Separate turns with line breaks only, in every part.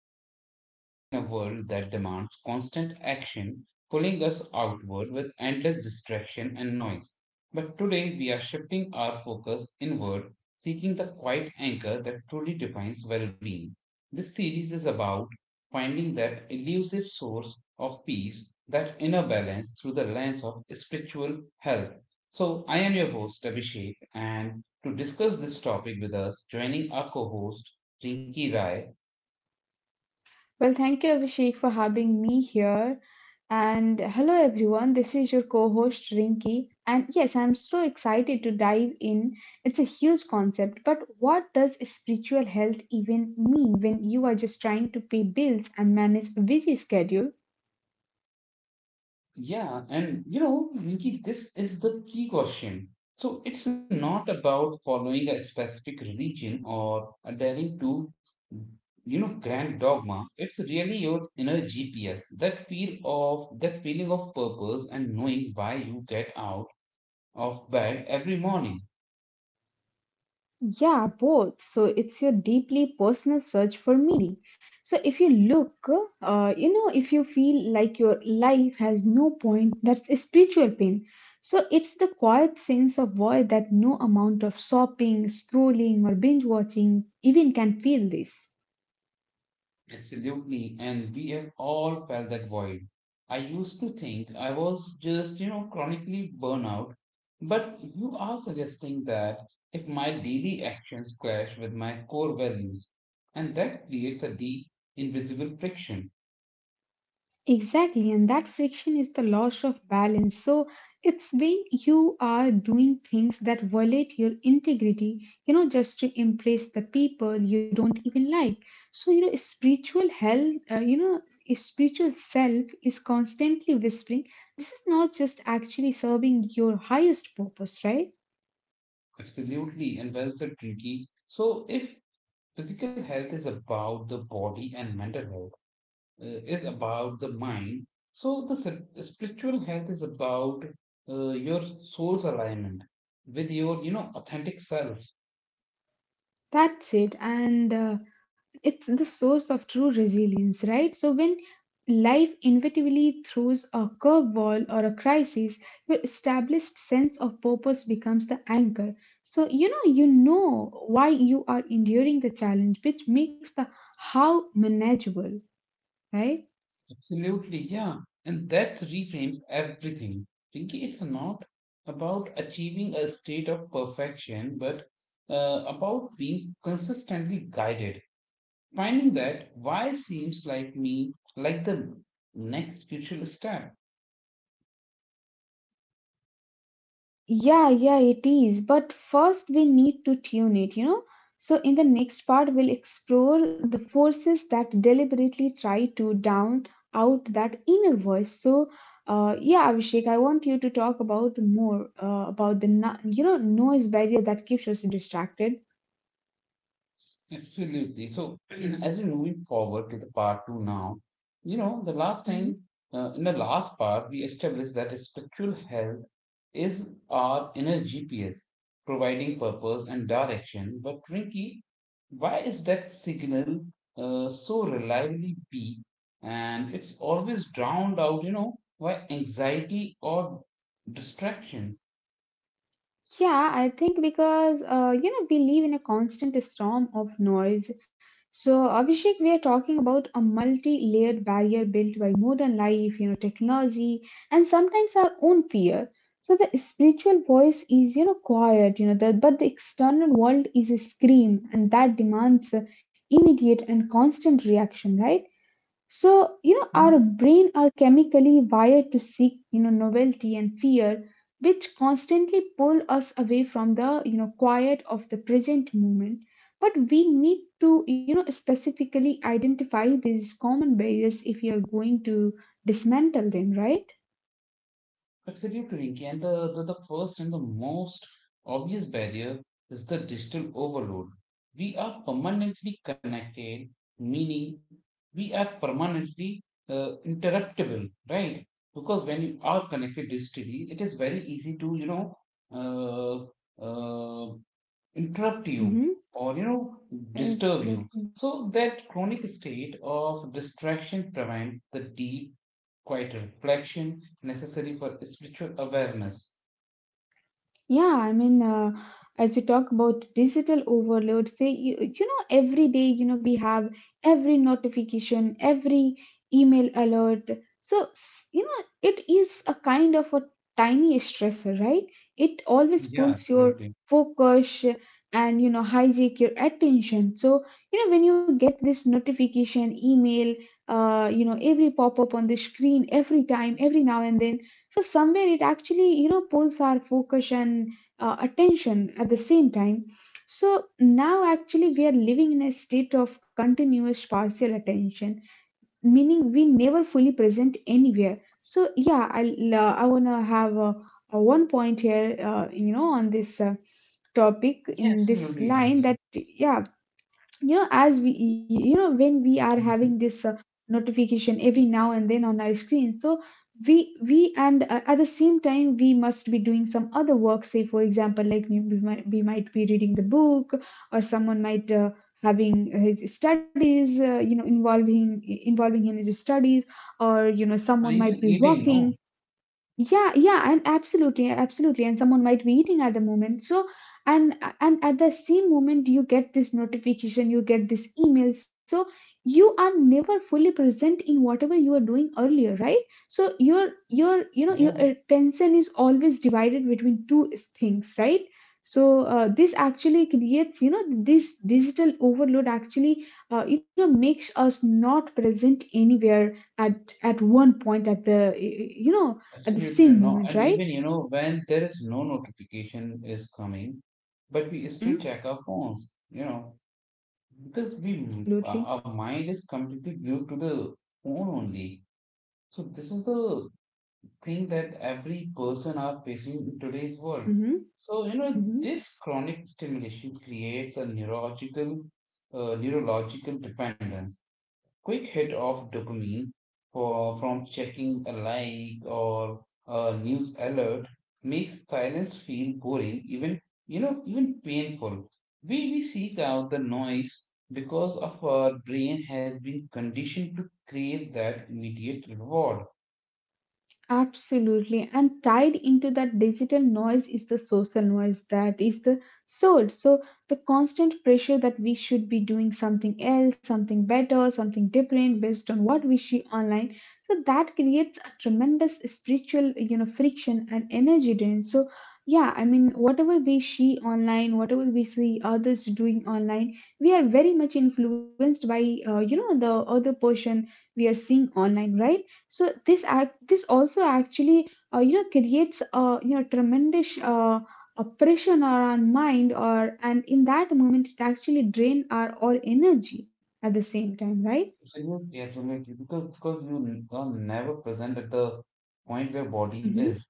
show. We live in a world that demands constant action, pulling us outward with endless distraction and noise. But today, we are shifting our focus inward, seeking the quiet anchor that truly defines well being. This series is about finding that elusive source of peace, that inner balance through the lens of spiritual health. So, I am your host, Abhishek, and to discuss this topic with us, joining our co host, Rinky Rai.
Well, thank you, Abhishek, for having me here. And hello, everyone. This is your co host, Rinki. And yes, I'm so excited to dive in. It's a huge concept, but what does spiritual health even mean when you are just trying to pay bills and manage a busy schedule?
Yeah, and you know, Rinky, this is the key question. So it's not about following a specific religion or adhering to, you know, grand dogma. It's really your inner GPS, that feeling of purpose and knowing why you get out of bed every morning.
Yeah, both. So it's your deeply personal search for meaning. So if you look, if you feel like your life has no point, that's a spiritual pain. So it's the quiet sense of void that no amount of shopping, scrolling, or binge watching even can feel this.
Absolutely. And we have all felt that void. I used to think I was just, you know, chronically burnout, but you are suggesting that if my daily actions clash with my core values, and that creates a deep, invisible friction.
Exactly, and that friction is the loss of balance. So it's when you are doing things that violate your integrity, you know, just to impress the people you don't even like. So, you know, spiritual health, spiritual self is constantly whispering, this is not just actually serving your highest purpose, right?
Absolutely. And well said, Pinky. So if physical health is about the body and mental health, is about the mind. So the spiritual health is about your soul's alignment with your, you know, authentic self.
That's it. And it's the source of true resilience, right? So when life inevitably throws a curveball or a crisis, your established sense of purpose becomes the anchor. So you know why you are enduring the challenge, which makes the how manageable, right?
Absolutely, yeah. And that reframes everything. Pinky, it's not about achieving a state of perfection, but about being consistently guided. Finding that why seems like the next crucial step.
Yeah, yeah, it is. But first, we need to tune it, you know. So, in the next part, we'll explore the forces that deliberately try to down out that inner voice. So, yeah, Abhishek, I want you to talk about more about the you know noise barrier that keeps us distracted.
Absolutely. So, as we move forward to the part two now, you know, the last
Mm-hmm.
time, in the last part, we established that spiritual health is our inner GPS, providing purpose and direction. But, Rinki, why is that signal so reliably weak and it's always drowned out, you know, by anxiety or distraction?
Yeah, I think because you know we live in a constant storm of noise. So Abhishek, we are talking about a multi-layered barrier built by modern life, you know, technology, and sometimes our own fear. So the spiritual voice is you know quiet, you know, but the external world is a scream, and that demands immediate and constant reaction, right? So, you know, our
Hmm.
brain are chemically wired to seek, you know, novelty and fear, which constantly pull us away from the, you know, quiet of the present moment. But we need to, you know, specifically identify these common barriers if you're going to dismantle them, right?
Absolutely, Rinki. And the first and the most obvious barrier is the digital overload. We are permanently connected, meaning we are permanently interruptible, right? Because when you are connected digitally, it is very easy to, you know, uh, uh, interrupt you
Mm-hmm.
or you know disturb you,
Absolutely.
so that chronic state of distraction prevents the deep quiet reflection necessary for spiritual awareness.
Yeah, I mean, as you talk about digital overload, say, you know, every day, you know, we have every notification, every email alert. So, you know, it is a kind of a tiny stressor, right? It always
Yeah,
pulls your
absolutely.
focus and, you know, hijack your attention. So, you know, when you get this notification, email, you know, every pop up on the screen, every time, every now and then so somewhere it actually, you know, pulls our focus and attention at the same time. So now actually we are living in a state of continuous partial attention, meaning we never fully present anywhere. So yeah, I wanna have a one point here, on this topic
Yeah,
in this
absolutely,
line
Rinki.
that yeah you know as we you know when we are having
Mhm.
this notification every now and then on our screen so we and at the same time we must be doing some other work say for example like we might be reading the book or someone might having his studies you know involving in his studies or you know
Or
someone
even
might be
eating,
working
no?
yeah, yeah, and absolutely, absolutely. And someone might be eating at the moment. So, and at the same moment, you get this notification, you get this email. So you are never fully present in whatever you are doing earlier, right? So your you know
Yeah,
your attention is always divided between two things, right? So this actually creates you know this digital overload actually you know makes us not present anywhere at one point at the you know at the
absolutely.
same
No,
moment,
and even
right?
you know when there is no notification is coming, but we still
Mm-hmm.
check our phones, you know, because we our
Absolutely.
our mind is completely glued to the phone only. So this is the thing that every person are facing in today's world.
Mm-hmm.
So you know
Mm-hmm.
this chronic stimulation creates a neurological dependence. Quick hit of dopamine for from checking a like or a news alert makes silence feel boring, even you know even painful. We seek out the noise because of our brain has been conditioned to crave that immediate reward.
Absolutely, and tied into that digital noise is the social noise that is the soul. So, the constant pressure that we should be doing something else, something better, something different based on what we see online. So, that creates a tremendous spiritual, you know, friction and energy drain. So, yeah, I mean, whatever we see online, whatever we see others doing online, we are very much influenced by, you know, the other person we are seeing online, right? So this also actually you know creates a you know tremendous oppression on our mind or and in that moment it actually drain our all energy at the same time, right.
Absolutely, absolutely. Because you are never present at the point where body
Mm-hmm.
is.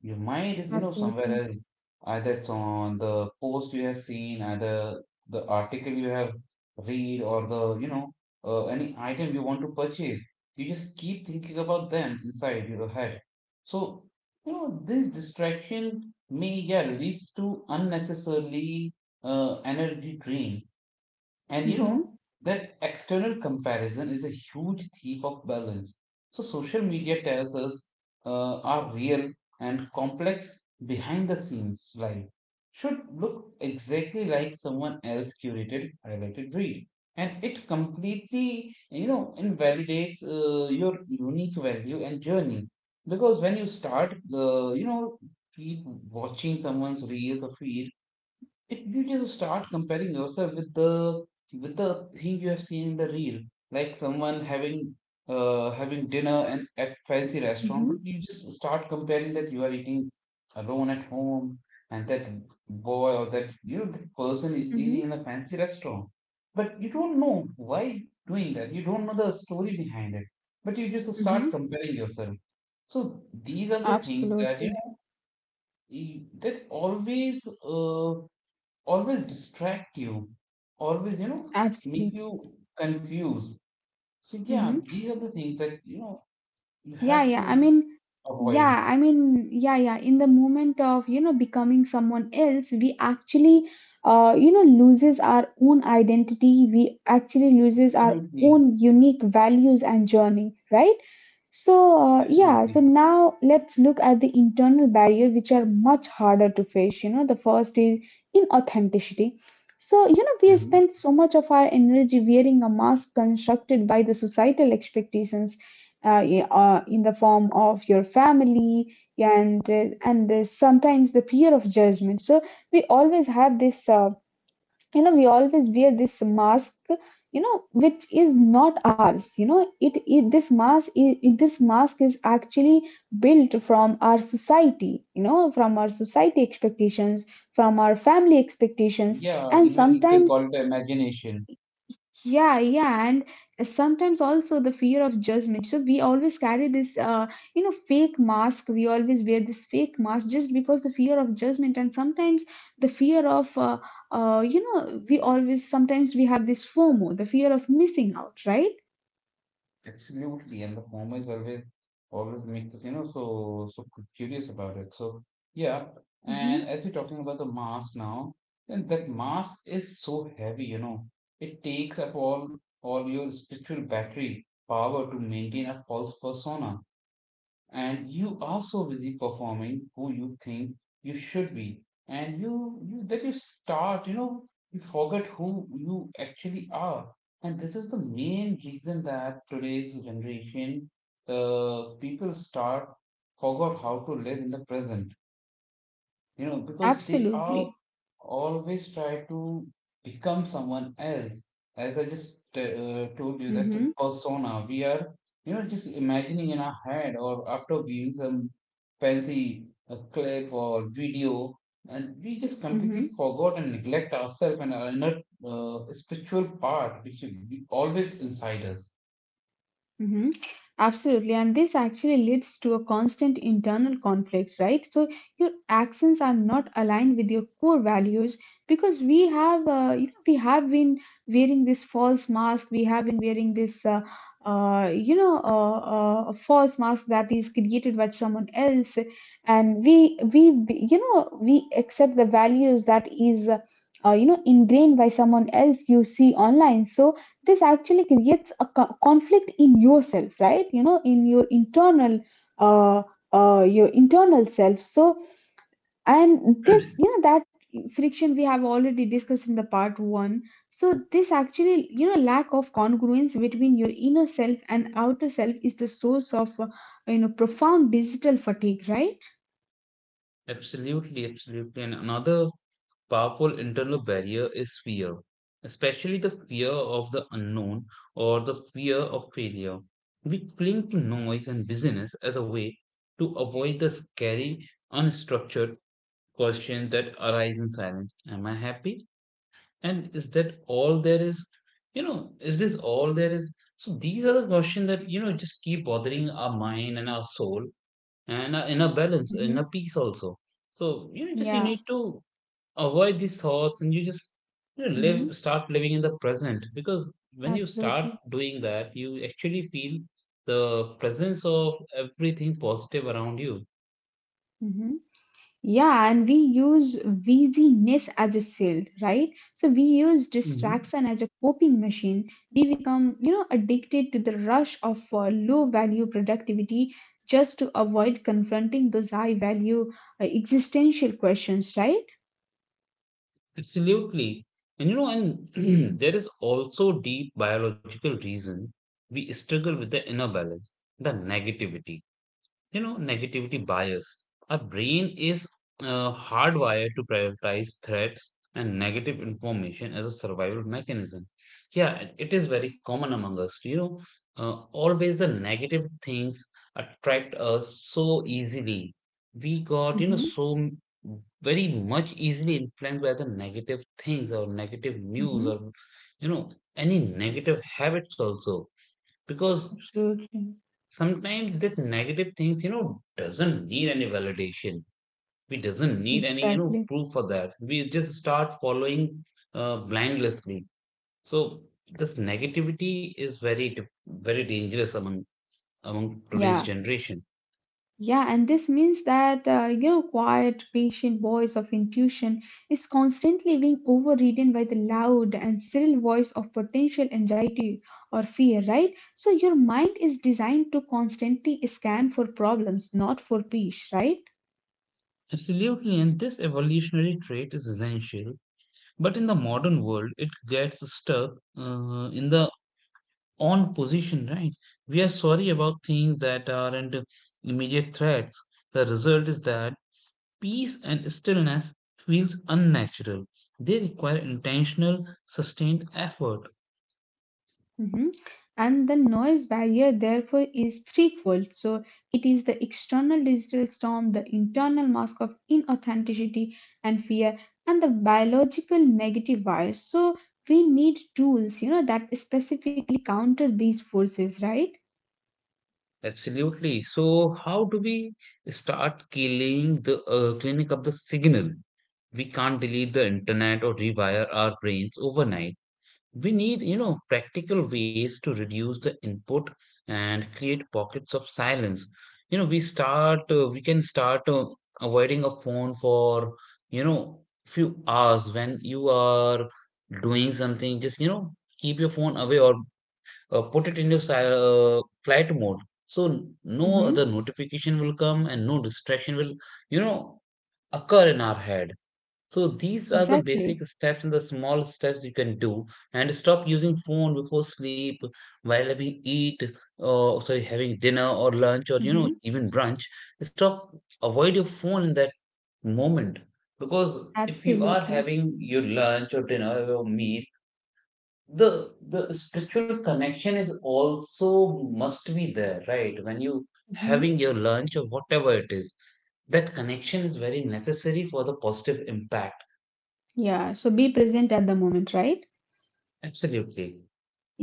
Your mind is, you know, somewhere
Absolutely.
else. Either it's on the post you have seen, either the article you have read, or the, you know, any item you want to purchase. You just keep thinking about them inside your head. So, you know, this distraction may, yeah, leads to unnecessarily energy drain. And you know,
Mm-hmm.
that external comparison is a huge thief of balance. So, social media tells us our real and complex behind the scenes life should look exactly like someone else curated highlighted read. And it completely, you know, invalidates your unique value and journey. Because when you start, you know, keep watching someone's reels or feed, if you just start comparing yourself with the thing you have seen in the reel, like someone having dinner and at fancy restaurant,
Mm-hmm.
but you just start comparing that you are eating alone at home, and that boy or that you know that person is
Mm-hmm.
eating in a fancy restaurant. But you don't know why doing that. You don't know the story behind it. But you just
Mm-hmm.
start comparing yourself. So these are the things that you
Absolutely.
know that always distract you, always, you know, make
Absolutely.
you confused. So, yeah,
Mm-hmm.
these are the things that, you know, you
Yeah,
have
yeah, I
to
mean, yeah
avoid.
I mean yeah, yeah, in the moment of you know becoming someone else we actually you know loses our own identity, we actually loses our own
Absolutely.
unique values and journey, right? So yeah so
Absolutely.
now let's look at the internal barrier which are much harder to face you know the first is inauthenticity. So you know we
Mhm.
spend so much of our energy wearing a mask constructed by the societal expectations, in the form of your family and sometimes the fear of judgment. So we always have this you know we always wear this mask you know which is not ours, you know it this mask this mask is actually built from our society, you know from our society expectations, from our family expectations,
Yeah,
and
even you can
sometimes
call it imagination.
yeah, yeah, and sometimes also the fear of judgment. So we always carry this, you know, fake mask. We always wear this fake mask just because the fear of judgment, and sometimes the fear of, you know, we always sometimes we have this FOMO, the fear of missing out, right?
Absolutely, and the former is always makes us, you know, curious about it. So yeah,
Hmm.
and as you're talking about the mask now, then that mask is so heavy, you know, it takes up all your spiritual battery power to maintain a false persona, and you also will be performing who you think you should be, and you start you know you forget who you actually are. And this is the main reason that today's generation people start forgot how to live in the present, you know, because they are
Absolutely.
always try to become someone else. As I just told you, that
Mm-hmm.
persona we are, you know, just imagining in our head or after viewing some fancy clip or video, and we just completely
Mm-hmm.
forgot and neglect ourselves and our inner spiritual part, which is always inside us.
Hmm. Absolutely. And this actually leads to a constant internal conflict, right? So your actions are not aligned with your core values because we have, you know, we have been wearing this false mask. We have been wearing this, false mask that is created by someone else. And you know, we accept the values that is, you know, ingrained by someone else you see online. So, this actually creates a conflict in yourself, right, you know in uh, your internal self. So and this you know that friction we have already discussed in the part one. So this actually you know lack of congruence between your inner self and outer self is the source of you know profound digital fatigue, right.
Absolutely, absolutely. And another powerful internal barrier is fear, especially the fear of the unknown or the fear of failure. We cling to noise and busyness as a way to avoid the scary, unstructured questions that arise in silence. Am I happy? And is that all there is? You know, is this all there is? So these are the questions that, you know, just keep bothering our mind and our soul and our inner balance, inner
Mm-hmm.
peace also. So, you know, just you need
Yeah.
to avoid these thoughts and you just you know,
Mm-hmm.
live start living in the present, because when you start
Absolutely.
doing that you actually feel the presence of everything positive around you.
Mm-hmm. Yeah, and we use busyness as a shield, right? So we use
Hmm.
distraction as a coping machine. We become, you know, addicted to the rush of low value productivity just to avoid confronting those high value existential questions, right?
Absolutely. And you know, and there is also deep biological reason we struggle with the inner balance, the negativity. You know, negativity bias. Our brain is hardwired to prioritize threats and negative information as a survival mechanism. Yeah, it is very common among us. You know, always the negative things attract us so easily. You know,
Mm-hmm,
very much easily influenced by the negative things or negative news
mm-hmm,
or, you know, any negative habits also. Because
absolutely.
sometimes that negative things you know doesn't need any validation, we doesn't need any you know
Exactly.
proof for that, we just start following blindlessly. So this negativity is very dangerous among today's
Yeah.
generation.
Yeah, and this means that you know, quiet, patient voice of intuition is constantly being overridden by the loud and shrill voice of potential anxiety or fear, right? So your mind is designed to constantly scan for problems, not for peace, right?
Absolutely, and this evolutionary trait is essential, but in the modern world it gets stuck in the on position, right? We are sorry about things that aren't immediate threats. The result is that peace and stillness feels unnatural. They require intentional, sustained effort.
Mhm. And the noise barrier, therefore, is threefold. So it is the external digital storm, the internal mask of inauthenticity and fear, and the biological negative bias. So we need tools, you know, that specifically counter these forces, right?
Absolutely. So, how do we start killing the cleaning up the signal? We can't delete the internet or rewire our brains overnight. We need you know practical ways to reduce the input and create pockets of silence. You know, we can start avoiding a phone for, you know, few hours when you are doing something. Just, you know, keep your phone away or put it in your flight mode, so no other
Mm-hmm.
notification will come and no distraction will you know occur in our head. So these are the basic
Exactly.
steps and the small steps you can do, and stop using phone before sleep, while having eat, or sorry, having dinner or lunch or you know
Mm-hmm.
even brunch. Stop, avoid your phone in that moment, because if you are
Absolutely.
having your lunch or dinner or meal, the spiritual connection is also must be there, right? When you
Mm-hmm.
having your lunch or whatever it is, that connection is very necessary for the positive impact.
Yeah. So be present at the moment, right?
Absolutely.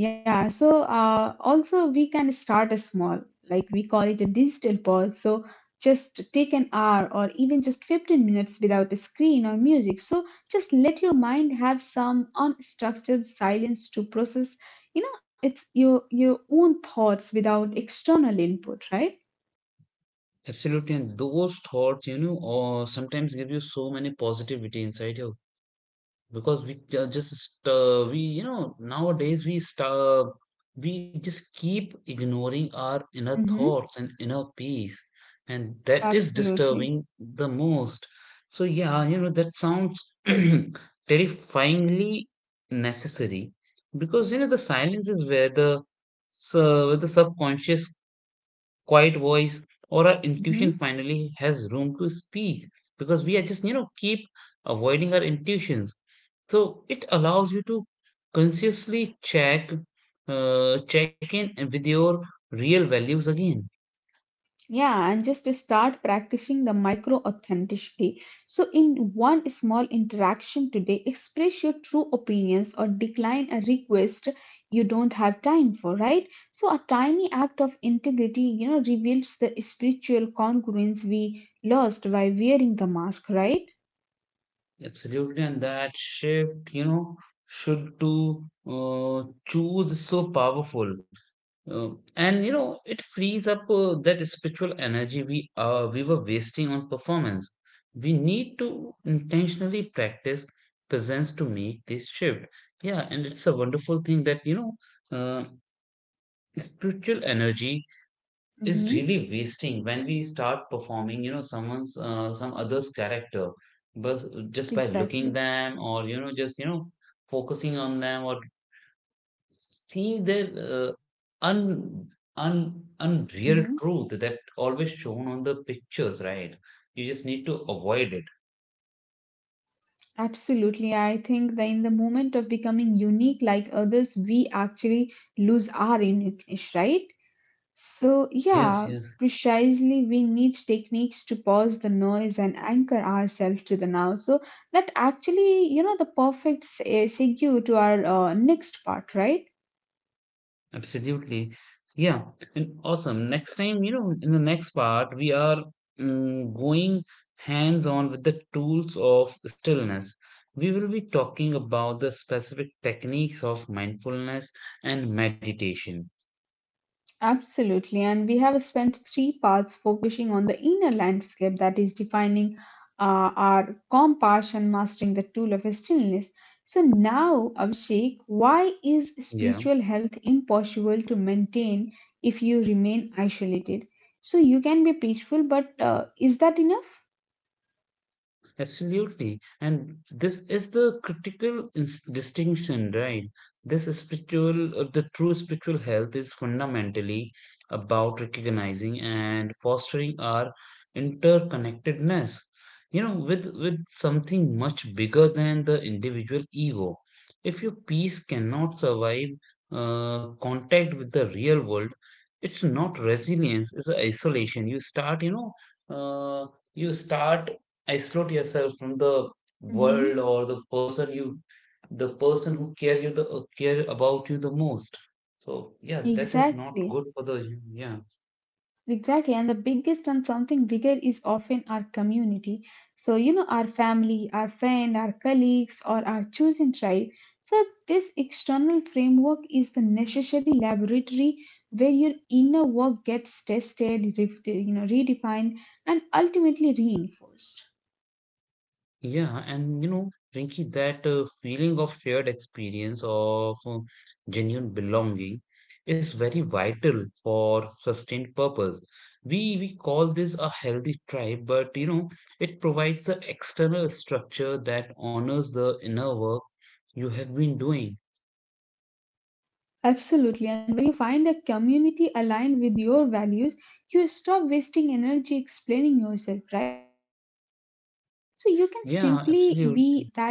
Yeah, so also we can start a small, like we call it a digital pause. So just take an hour or even just 15 minutes without a screen or music. So just let your mind have some unstructured silence to process, you know, it's your own thoughts without external input, right?
Absolutely, and those thoughts, you know, or sometimes give you so many positivity inside you, because we ju- just st- we you know nowadays we start we just keep ignoring our inner
Mm-hmm.
thoughts and inner peace, and that is
Absolutely.
disturbing the most. So yeah, you know that sounds terrifyingly necessary, because you know the silence is where the so where the subconscious quiet voice or our
Mhm.
intuition finally has room to speak, because we are just you know keep avoiding our intuitions. So it allows you to consciously check check in with your real values again.
Yeah, and just to start practicing the micro authenticity. So, in one small interaction today, express your true opinions or decline a request you don't have time for, right? So, a tiny act of integrity, you know, reveals the spiritual congruence we lost by wearing the mask, right?
Absolutely, and that shift, you know, should to uh, choose is so powerful. And you know, it frees up that spiritual energy we were wasting on performance. We need to intentionally practice presence to make this shift. Yeah, and it's a wonderful thing that you know, uh, spiritual energy is
Mm-hmm.
really wasting when we start performing. You know, someone's some other's character, but just by looking
Exactly.
them or focusing on them or seeing their un, unreal
Mm-hmm.
truth that always shown on the pictures, right? You just need to avoid it.
Absolutely. I think that in the moment of becoming unique like others, we actually lose our uniqueness, right? So,
Yes,
yeah,
yes,
precisely we need techniques to pause the noise and anchor ourselves to the now. So, that actually, you know, the perfect segue to our next part, right?
absolutely. Yeah, and awesome. Next time, in the next part, we are going hands on with the tools of stillness. We will be talking about the specific techniques of mindfulness and meditation.
Absolutely, and we have spent three parts focusing on the inner landscape that is defining our compass and mastering the tool of stillness. So now, Abhishek, why is
Yeah.
spiritual health impossible to maintain if you remain isolated? So you can be peaceful, but is that enough?
Absolutely. And this is the critical distinction, right? This is the true spiritual health is fundamentally about recognizing and fostering our interconnectedness, with something much bigger than the individual ego. If your peace cannot survive contact with the real world, it's not resilience, it's isolation. Uh, you start isolate yourself from the
Hmm.
world or the person who care you the care about you the most, so yeah, that is not
Exactly.
good for the. Yeah,
Exactly, and the biggest and something bigger is often our community. So, you know, our family, our friend, our colleagues, or our chosen tribe. So, this external framework is the necessary laboratory where your inner work gets tested, redefined, and ultimately reinforced.
yeah. And you know, Rinki, that feeling of shared experience of genuine belonging is very vital for sustained purpose. We call this a healthy tribe, but it provides an external structure that honors the inner work you have been doing.
Absolutely, and when you find a community aligned with your values, you stop wasting energy explaining yourself, right? So, you can simply be that
Yeah, absolutely.
authenticity.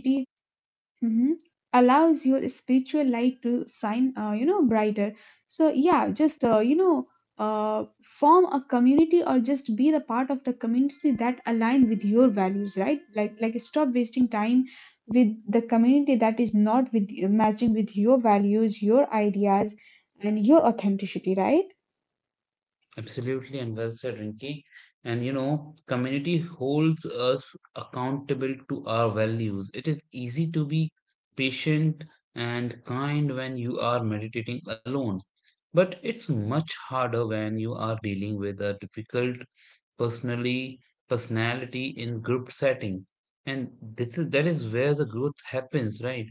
Hmm. Allows your spiritual light to shine brighter. So yeah, just uh, form a community or just be the part of the community that align with your values, right? Like stop wasting time with the community that is not with, matching with your values, your ideas, and your authenticity, right?
Absolutely, and well said, Rinki. And you know, community holds us accountable to our values. It is easy to be patient and kind when you are meditating alone, but it's much harder when you are dealing with a difficult personally personality in group setting. And this is that is where the growth happens, right?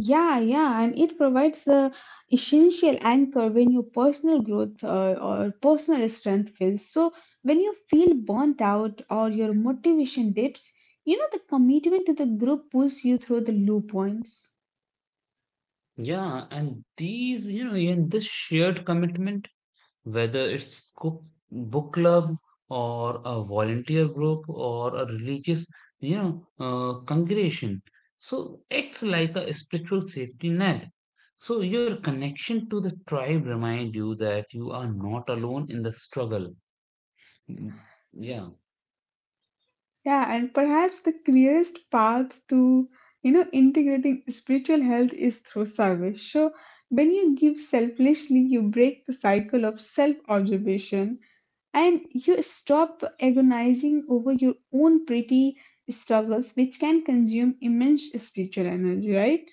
Yeah, yeah, and it provides the essential anchor when your personal growth or personal strength fails. So, when you feel burnt out or your motivation dips, you know the commitment to the group pulls you through the low points.
Yeah, and this shared commitment, whether it's book club or a volunteer group or a religious, congregation, so acts like a spiritual safety net. So your connection to the tribe remind you that you are not alone in the struggle. Mm, yeah.
Yeah, and perhaps the clearest path to, you know, integrating spiritual health is through service. So when you give selflessly, you break the cycle of self-observation and you stop agonizing over your own pretty struggles, which can consume immense spiritual energy, right?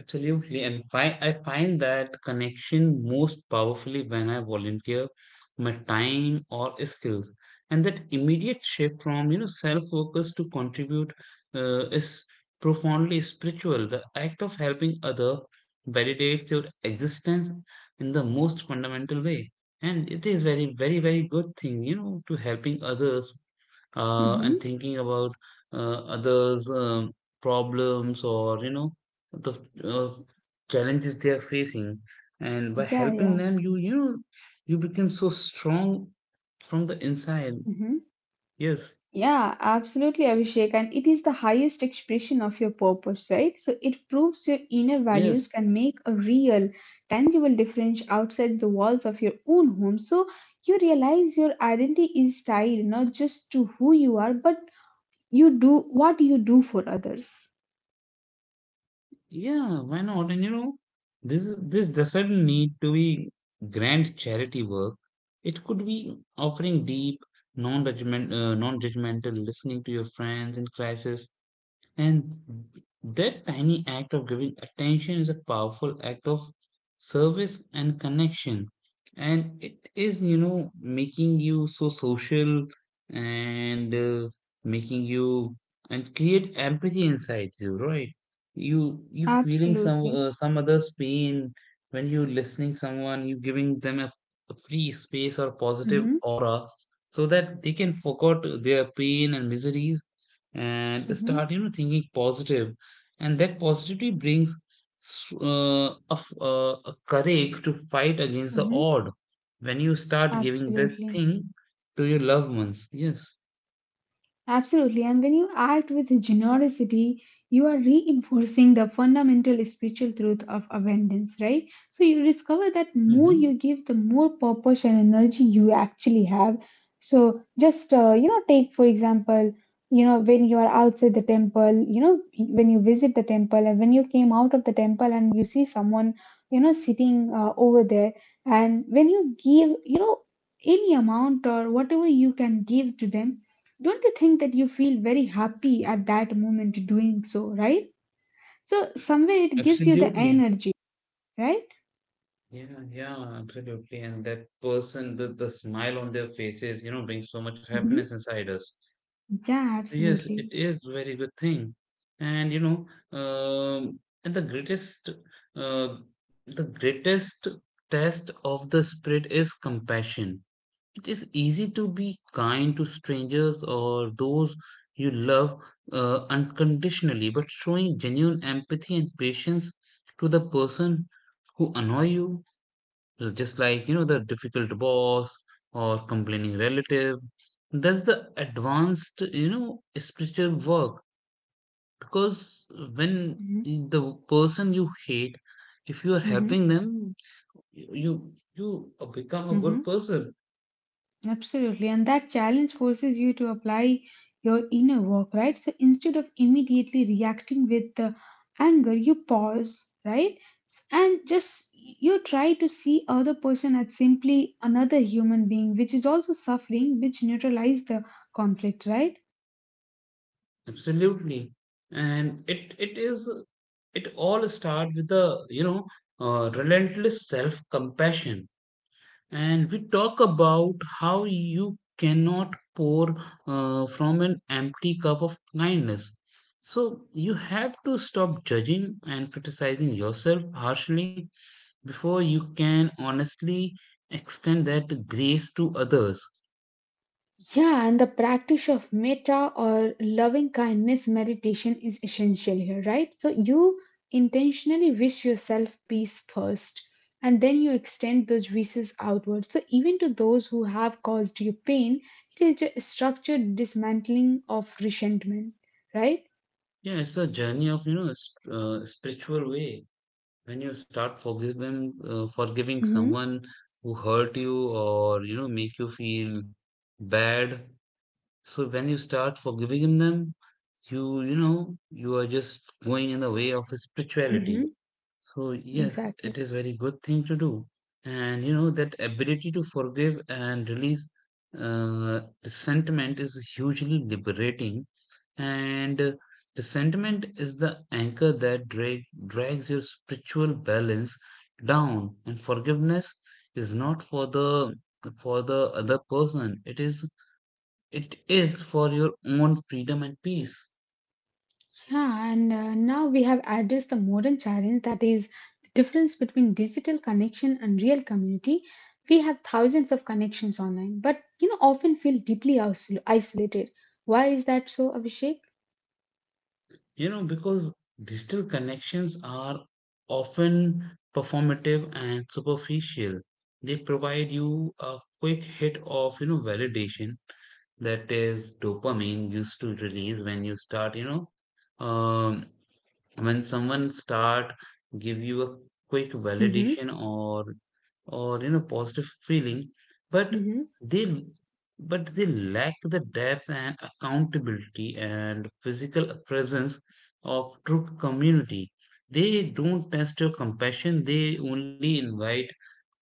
Absolutely, and I find that connection most powerfully when I volunteer my time or skills, and that immediate shift from you know self-focus to contribute is profoundly spiritual. The act of helping other validates your existence in the most fundamental way, and it is very, very, very good thing, you know, to helping others and
Mm-hmm.
thinking about others' problems or you know the uh, challenges they are facing. And by
Yeah, yeah.
helping them, you become so strong from the inside.
Mhm.
Yes,
Yeah, absolutely, Abhishek. And it is the highest expression of your purpose, right? So it proves your inner values
yes,
can make a real, tangible difference outside the walls of your own home. So you realize your identity is tied not just to who you are, but you do what you do for others.
yeah. Why not? And this doesn't need to be grand charity work. It could be offering deep, non-judgmental listening to your friends in crisis. And that tiny act of giving attention is a powerful act of service and connection. And it is, making you so social and making you and create empathy inside you, right? You feeling some
Absolutely.
uh, some other's pain when you listening someone, you giving them a free space or positive
Mm-hmm.
aura so that they can forget their pain and miseries and
Mm-hmm.
start thinking positive, and that positivity brings a courage to fight against the
Mm-hmm.
odd when you start giving this
Absolutely.
thing to your loved ones. Yes,
Absolutely. And when you act with generosity, you are reinforcing the fundamental spiritual truth of abundance, right? So you discover that more
hmm,
you give, the more purpose and energy you actually have. So just, you know, take, for example, you know, when you are outside the temple, you know, when you visit the temple and when you came out of the temple and you see someone, you know, sitting over there, and when you give, you know, any amount or whatever you can give to them, don't you think that you feel very happy at that moment doing so, right? So somewhere it gives you the
absolutely,
energy, right?
yeah, yeah, absolutely. And that person, the smile on their faces, brings so much of
Hmm.
happiness inside us.
Yeah,
Yes,
absolutely.
it is a very good thing. And you know, and uh, the greatest test of the spirit is compassion. It is easy to be kind to strangers or those you love unconditionally, but showing genuine empathy and patience to the person who annoy you, just like the difficult boss or complaining relative, that's the advanced spiritual work, because when
Hmm.
the person you hate, if you are
Hmm.
helping them, you you become a
Hmm.
good person.
Absolutely. And that challenge forces you to apply your inner work, right? So instead of immediately reacting with the anger, you pause, right? And just you try to see other person as simply another human being, which is also suffering, which neutralize the conflict, right?
Absolutely, and it all start with the you know relentless self compassion. And we talk about how you cannot pour from an empty cup of kindness. So you have to stop judging and criticizing yourself harshly before you can honestly extend that grace to others.
Yeah, and the practice of metta or loving kindness meditation is essential here, right? So you intentionally wish yourself peace first, and then you extend those wishes outwards. So even to those who have caused you pain, it is a structured dismantling of resentment, right?
Yeah, it's a journey of you know spiritual way. When you start forgiving
Mm-hmm.
someone who hurt you or make you feel bad, so when you start forgiving them, you know you are just going in the way of spirituality.
Mm-hmm.
So yes,
Exactly.
it is very good thing to do. And you know, that ability to forgive and release resentment is hugely liberating, and resentment is the anchor that drags your spiritual balance down, and forgiveness is not for the other person, it is for your own freedom and peace.
Yeah, and now we have addressed the modern challenge that is the difference between digital connection and real community. We have thousands of connections online, but you know often feel deeply isolated. Why is that so, Abhishek?
You know, because digital connections are often performative and superficial. They provide you a quick hit of, validation that is dopamine used to release when you start, you know, um, when someone start give you a quick
Mm-hmm.
validation, or positive feeling, but
Mm-hmm.
they they lack the depth and accountability and physical presence of true community. They don't test your compassion, they only invite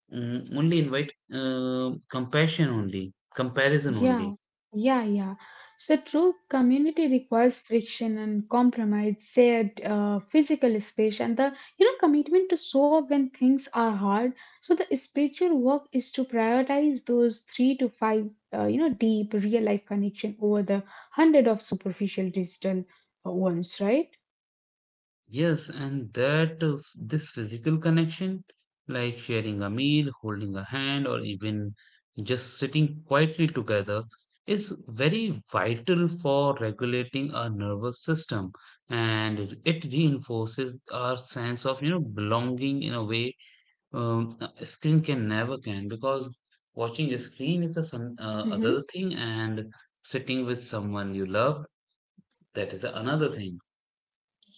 mm, only invite uh, compassion only comparison only.
Yeah, yeah, yeah. So true community requires friction and compromise, shared physical space, and the you know commitment to show up when things are hard. So the spiritual work is to prioritize those three to five you know deep real life connection over the hundred of superficial digital ones, right?
Yes, and this physical connection, like sharing a meal, holding a hand, or even just sitting quietly together, is very vital for regulating our nervous system. And it reinforces our sense of, you know, belonging in a way a screen can never can. Because watching a screen is a some
Mhm.
other thing, and sitting with someone you love, that is another thing.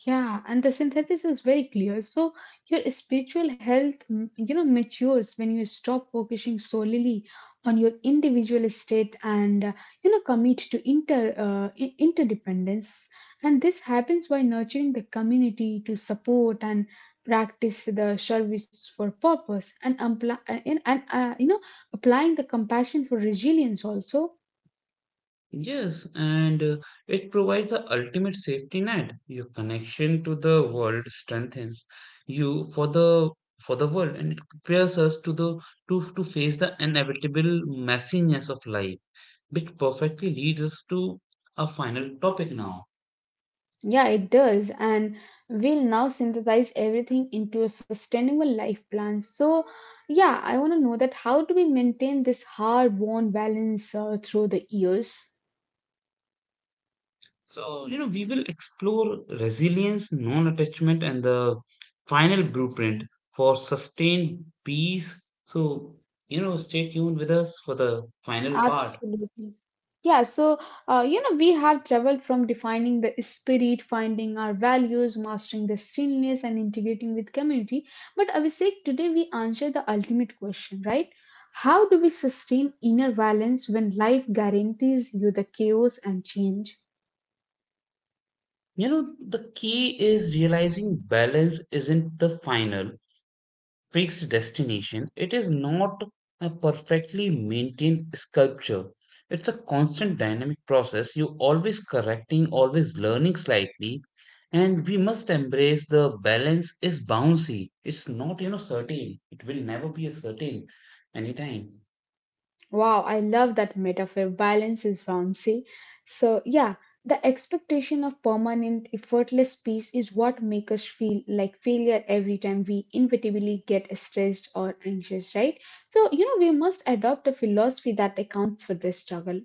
Yeah, and the synthesis is very clear. So your spiritual health, mm, you know, matures when you stop focusing solely on your individual state and you know commit to interdependence. And this happens by nurturing the community to support and practice the service for purpose and apply and you know applying the compassion for resilience also.
Yes, and it provides the ultimate safety net. Your connection to the world strengthens you for the world, and it prepares us to the to face the inevitable messiness of life, which perfectly leads us to our final topic now.
Yeah, it does. And we'll now synthesize everything into a sustainable life plan. So, yeah, I want to know that how do we maintain this hard won balance through the years?
So we will explore resilience, non-attachment, and the final blueprint for sustained peace. So stay tuned with us for the final part.
Absolutely. Yeah, so you know, we have traveled from defining the spirit, finding our values, mastering the stillness, and integrating with community. But Abhishek, today we answer the ultimate question, right? How do we sustain inner balance when life guarantees you the chaos and change?
You know, the key is realizing balance isn't the final fixed destination. It is not a perfectly maintained sculpture. It's a constant dynamic process. You always correcting, always learning slightly. And we must embrace the balance is bouncy. It's not, you know, certain. It will never be a certain anytime.
Wow, I love that metaphor. Balance is bouncy. So, yeah, the expectation of permanent, effortless peace is what makes us feel like failure every time we inevitably get stressed or anxious, right? So, you know, we must adopt a philosophy that accounts for this struggle.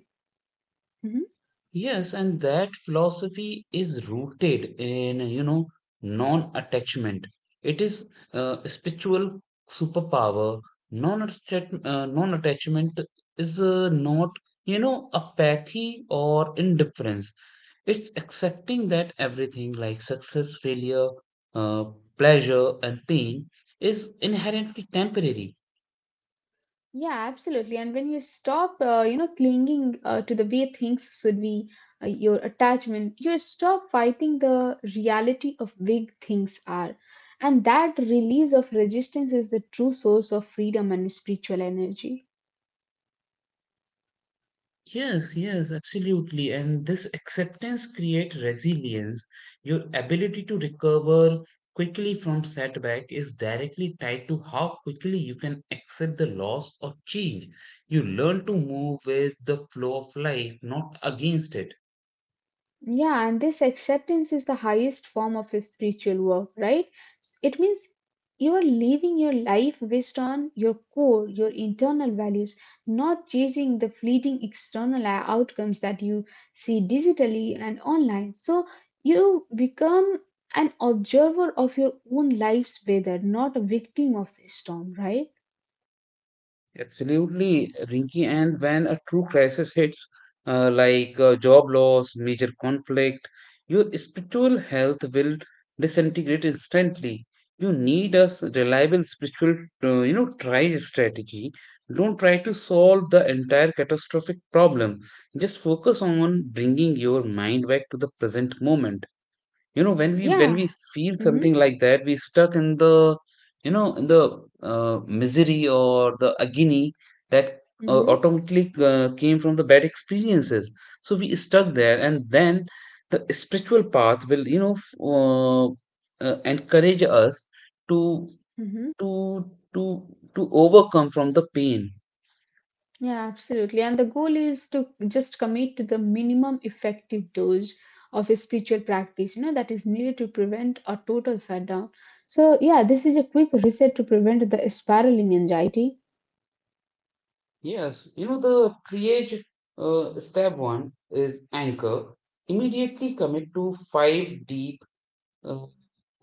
Mhm.
Yes, and that philosophy is rooted in, you know, non-attachment. It is a spiritual superpower. Non-attachment is not, you know, apathy or indifference. It's accepting that everything like success, failure, uh, pleasure, and pain is inherently temporary.
Yeah, absolutely. And when you stop, you know, clinging to the way things should be, your attachment, you stop fighting the reality of big things are. And that release of resistance is the true source of freedom and spiritual energy.
Yes, yes, absolutely. And this acceptance creates resilience. Your ability to recover quickly from setback is directly tied to how quickly you can accept the loss or change. You learn to move with the flow of life, not against it.
Yeah, and this acceptance is the highest form of spiritual work, right? It means you are living your life based on your core, your internal values, not chasing the fleeting external outcomes that you see digitally and online. So you become an observer of your own life's weather, not a victim of the storm, right?
Absolutely, Rinky. And when a true crisis hits, like job loss, major conflict, your spiritual health will disintegrate instantly. You need a reliable spiritual, try strategy. Don't try to solve the entire catastrophic problem. Just focus on bringing your mind back to the present moment. You know, when we
Yeah.
feel something
Mm-hmm.
like that, we stuck in the, you know in the misery or the agony that
Mm-hmm.
automatically came from the bad experiences. So we stuck there, and then the spiritual path will encourage us to
Mm-hmm.
to to overcome from the pain.
Yeah, absolutely. And the goal is to just commit to the minimum effective dose of a spiritual practice, you know, that is needed to prevent a total shutdown. So, yeah, this is a quick reset to prevent the spiraling anxiety.
Yes, the triage, step one is anchor. Immediately commit to five deep, uh,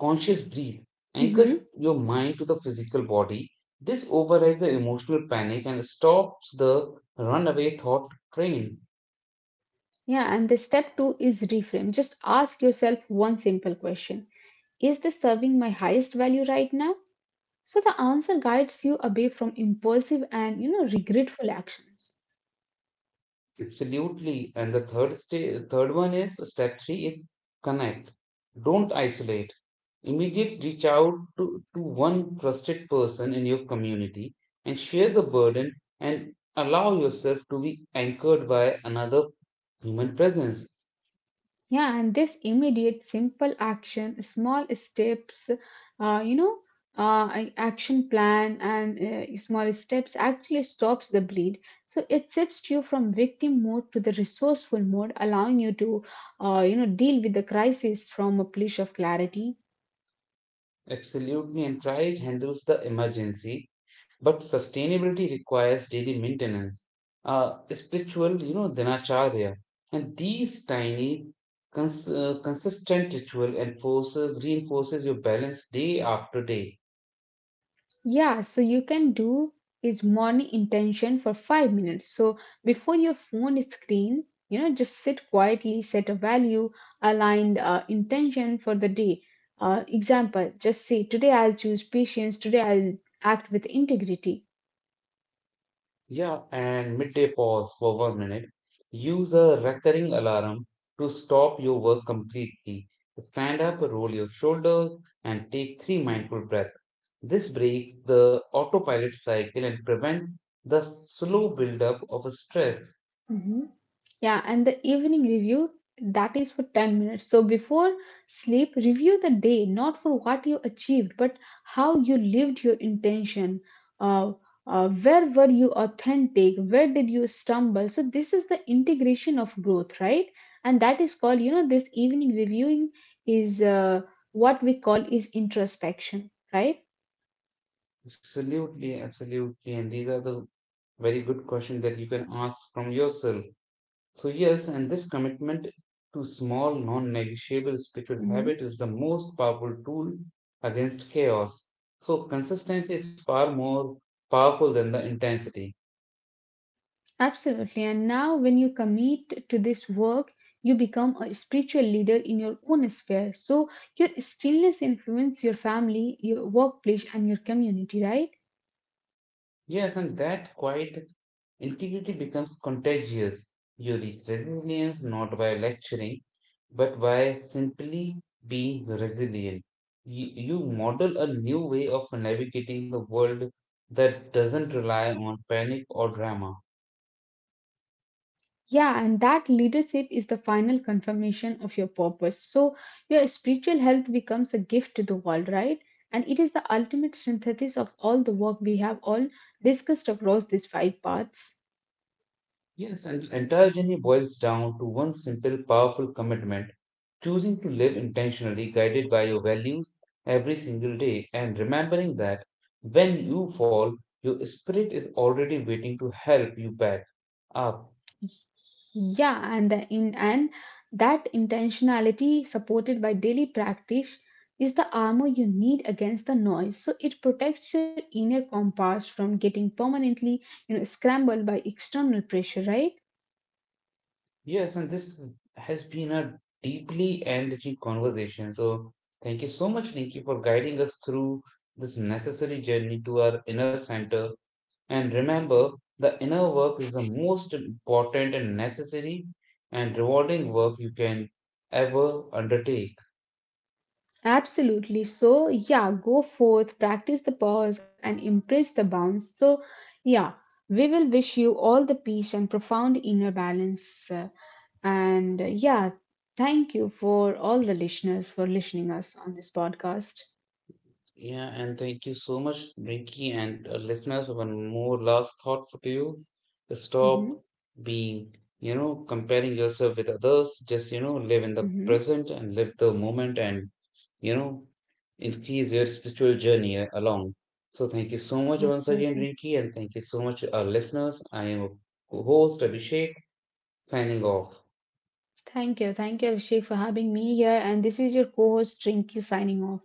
conscious breathe. Anchor
Hmm.
your mind to the physical body. This overrides the emotional panic and stops the runaway thought train.
Yeah, and the step two is reframe. Just ask yourself one simple question: Is this serving my highest value right now? So, the answer guides you away from impulsive and, you know, regretful actions.
Absolutely. And the third one is step three is connect. Don't isolate. Immediately reach out to, one trusted person in your community, and share the burden and allow yourself to be anchored by another human presence.
Yeah, and this immediate, simple action, small steps, uh, you know, action plan and small steps actually stops the bleed. So it shifts you from victim mode to the resourceful mode, allowing you to, you know, deal with the crisis from a place of clarity.
Absolutely, and try handles the emergency, but sustainability requires daily maintenance, spiritual, dhanacharya, and these tiny, consistent ritual enforces reinforces your balance day after day.
Yeah, so you can do is morning intention for 5 minutes. So before your phone is screen, you know, just sit quietly, set a value aligned intention for the day. Example, just say, today I'll choose patience, today I'll act with integrity.
Yeah, and midday pause for 1 minute. Use a recurring alarm to stop your work completely. Stand up, roll your shoulders, and take three mindful breaths. This breaks the autopilot cycle and prevents the slow buildup of a stress.
Mhm. Yeah, and the evening review that is for 10 minutes. So before sleep, review the day not for what you achieved, but how you lived your intention. Uh, where were you authentic? Where did you stumble? So this is the integration of growth, right? And that is called, you know, this evening reviewing is what we call is introspection, right?
Absolutely, absolutely. And these are the very good questions that you can ask from yourself. So, yes, and this commitment to small, non negotiable spiritual habit
Mhm.
is the most powerful tool against chaos. So, consistency is far more powerful than the intensity.
Absolutely. And now, when you commit to this work, you become a spiritual leader in your own sphere. So, your stillness influences your family, your workplace, and your community, right?
Yes, and that quiet integrity becomes contagious. You reach resilience not by lecturing, but by simply being resilient. You model a new way of navigating the world that doesn't rely on panic or drama.
Yeah, and that leadership is the final confirmation of your purpose. So, your spiritual health becomes a gift to the world, right? And it is the ultimate synthesis of all the work we have all discussed across these five paths.
Yes, and entire journey boils down to one simple, powerful commitment: choosing to live intentionally, guided by your values every single day, and remembering that when you fall, your spirit is already waiting to help you back up.
Yeah, and the in and that intentionality supported by daily practice is the armor you need against the noise. So it protects your inner compass from getting permanently, you know, scrambled by external pressure, right?
Yes, and this has been a deeply enriching conversation. So, thank you so much, Nikki, for guiding us through this necessary journey to our inner center. And remember, the inner work is the most important and necessary and rewarding work you can ever undertake.
Absolutely. So yeah, go forth, practice the pause and embrace the bounce. So yeah, we will wish you all the peace and profound inner balance. And yeah, thank you for all the listeners for listening us on this podcast.
Yeah, and thank you so much, Rinky, and listeners. One more last thought for you:
Mm-hmm.
stop being, comparing yourself with others. Just live in the
Mm-hmm.
present and live the moment, and you know, increase your spiritual journey along. So, thank you so much once
Absolutely.
again, Rinky, and thank you so much, our listeners. I am your host Abhishek, signing off.
Thank you. Thank you, Abhishek, for having me here. And this is your co host, Trinky, signing off.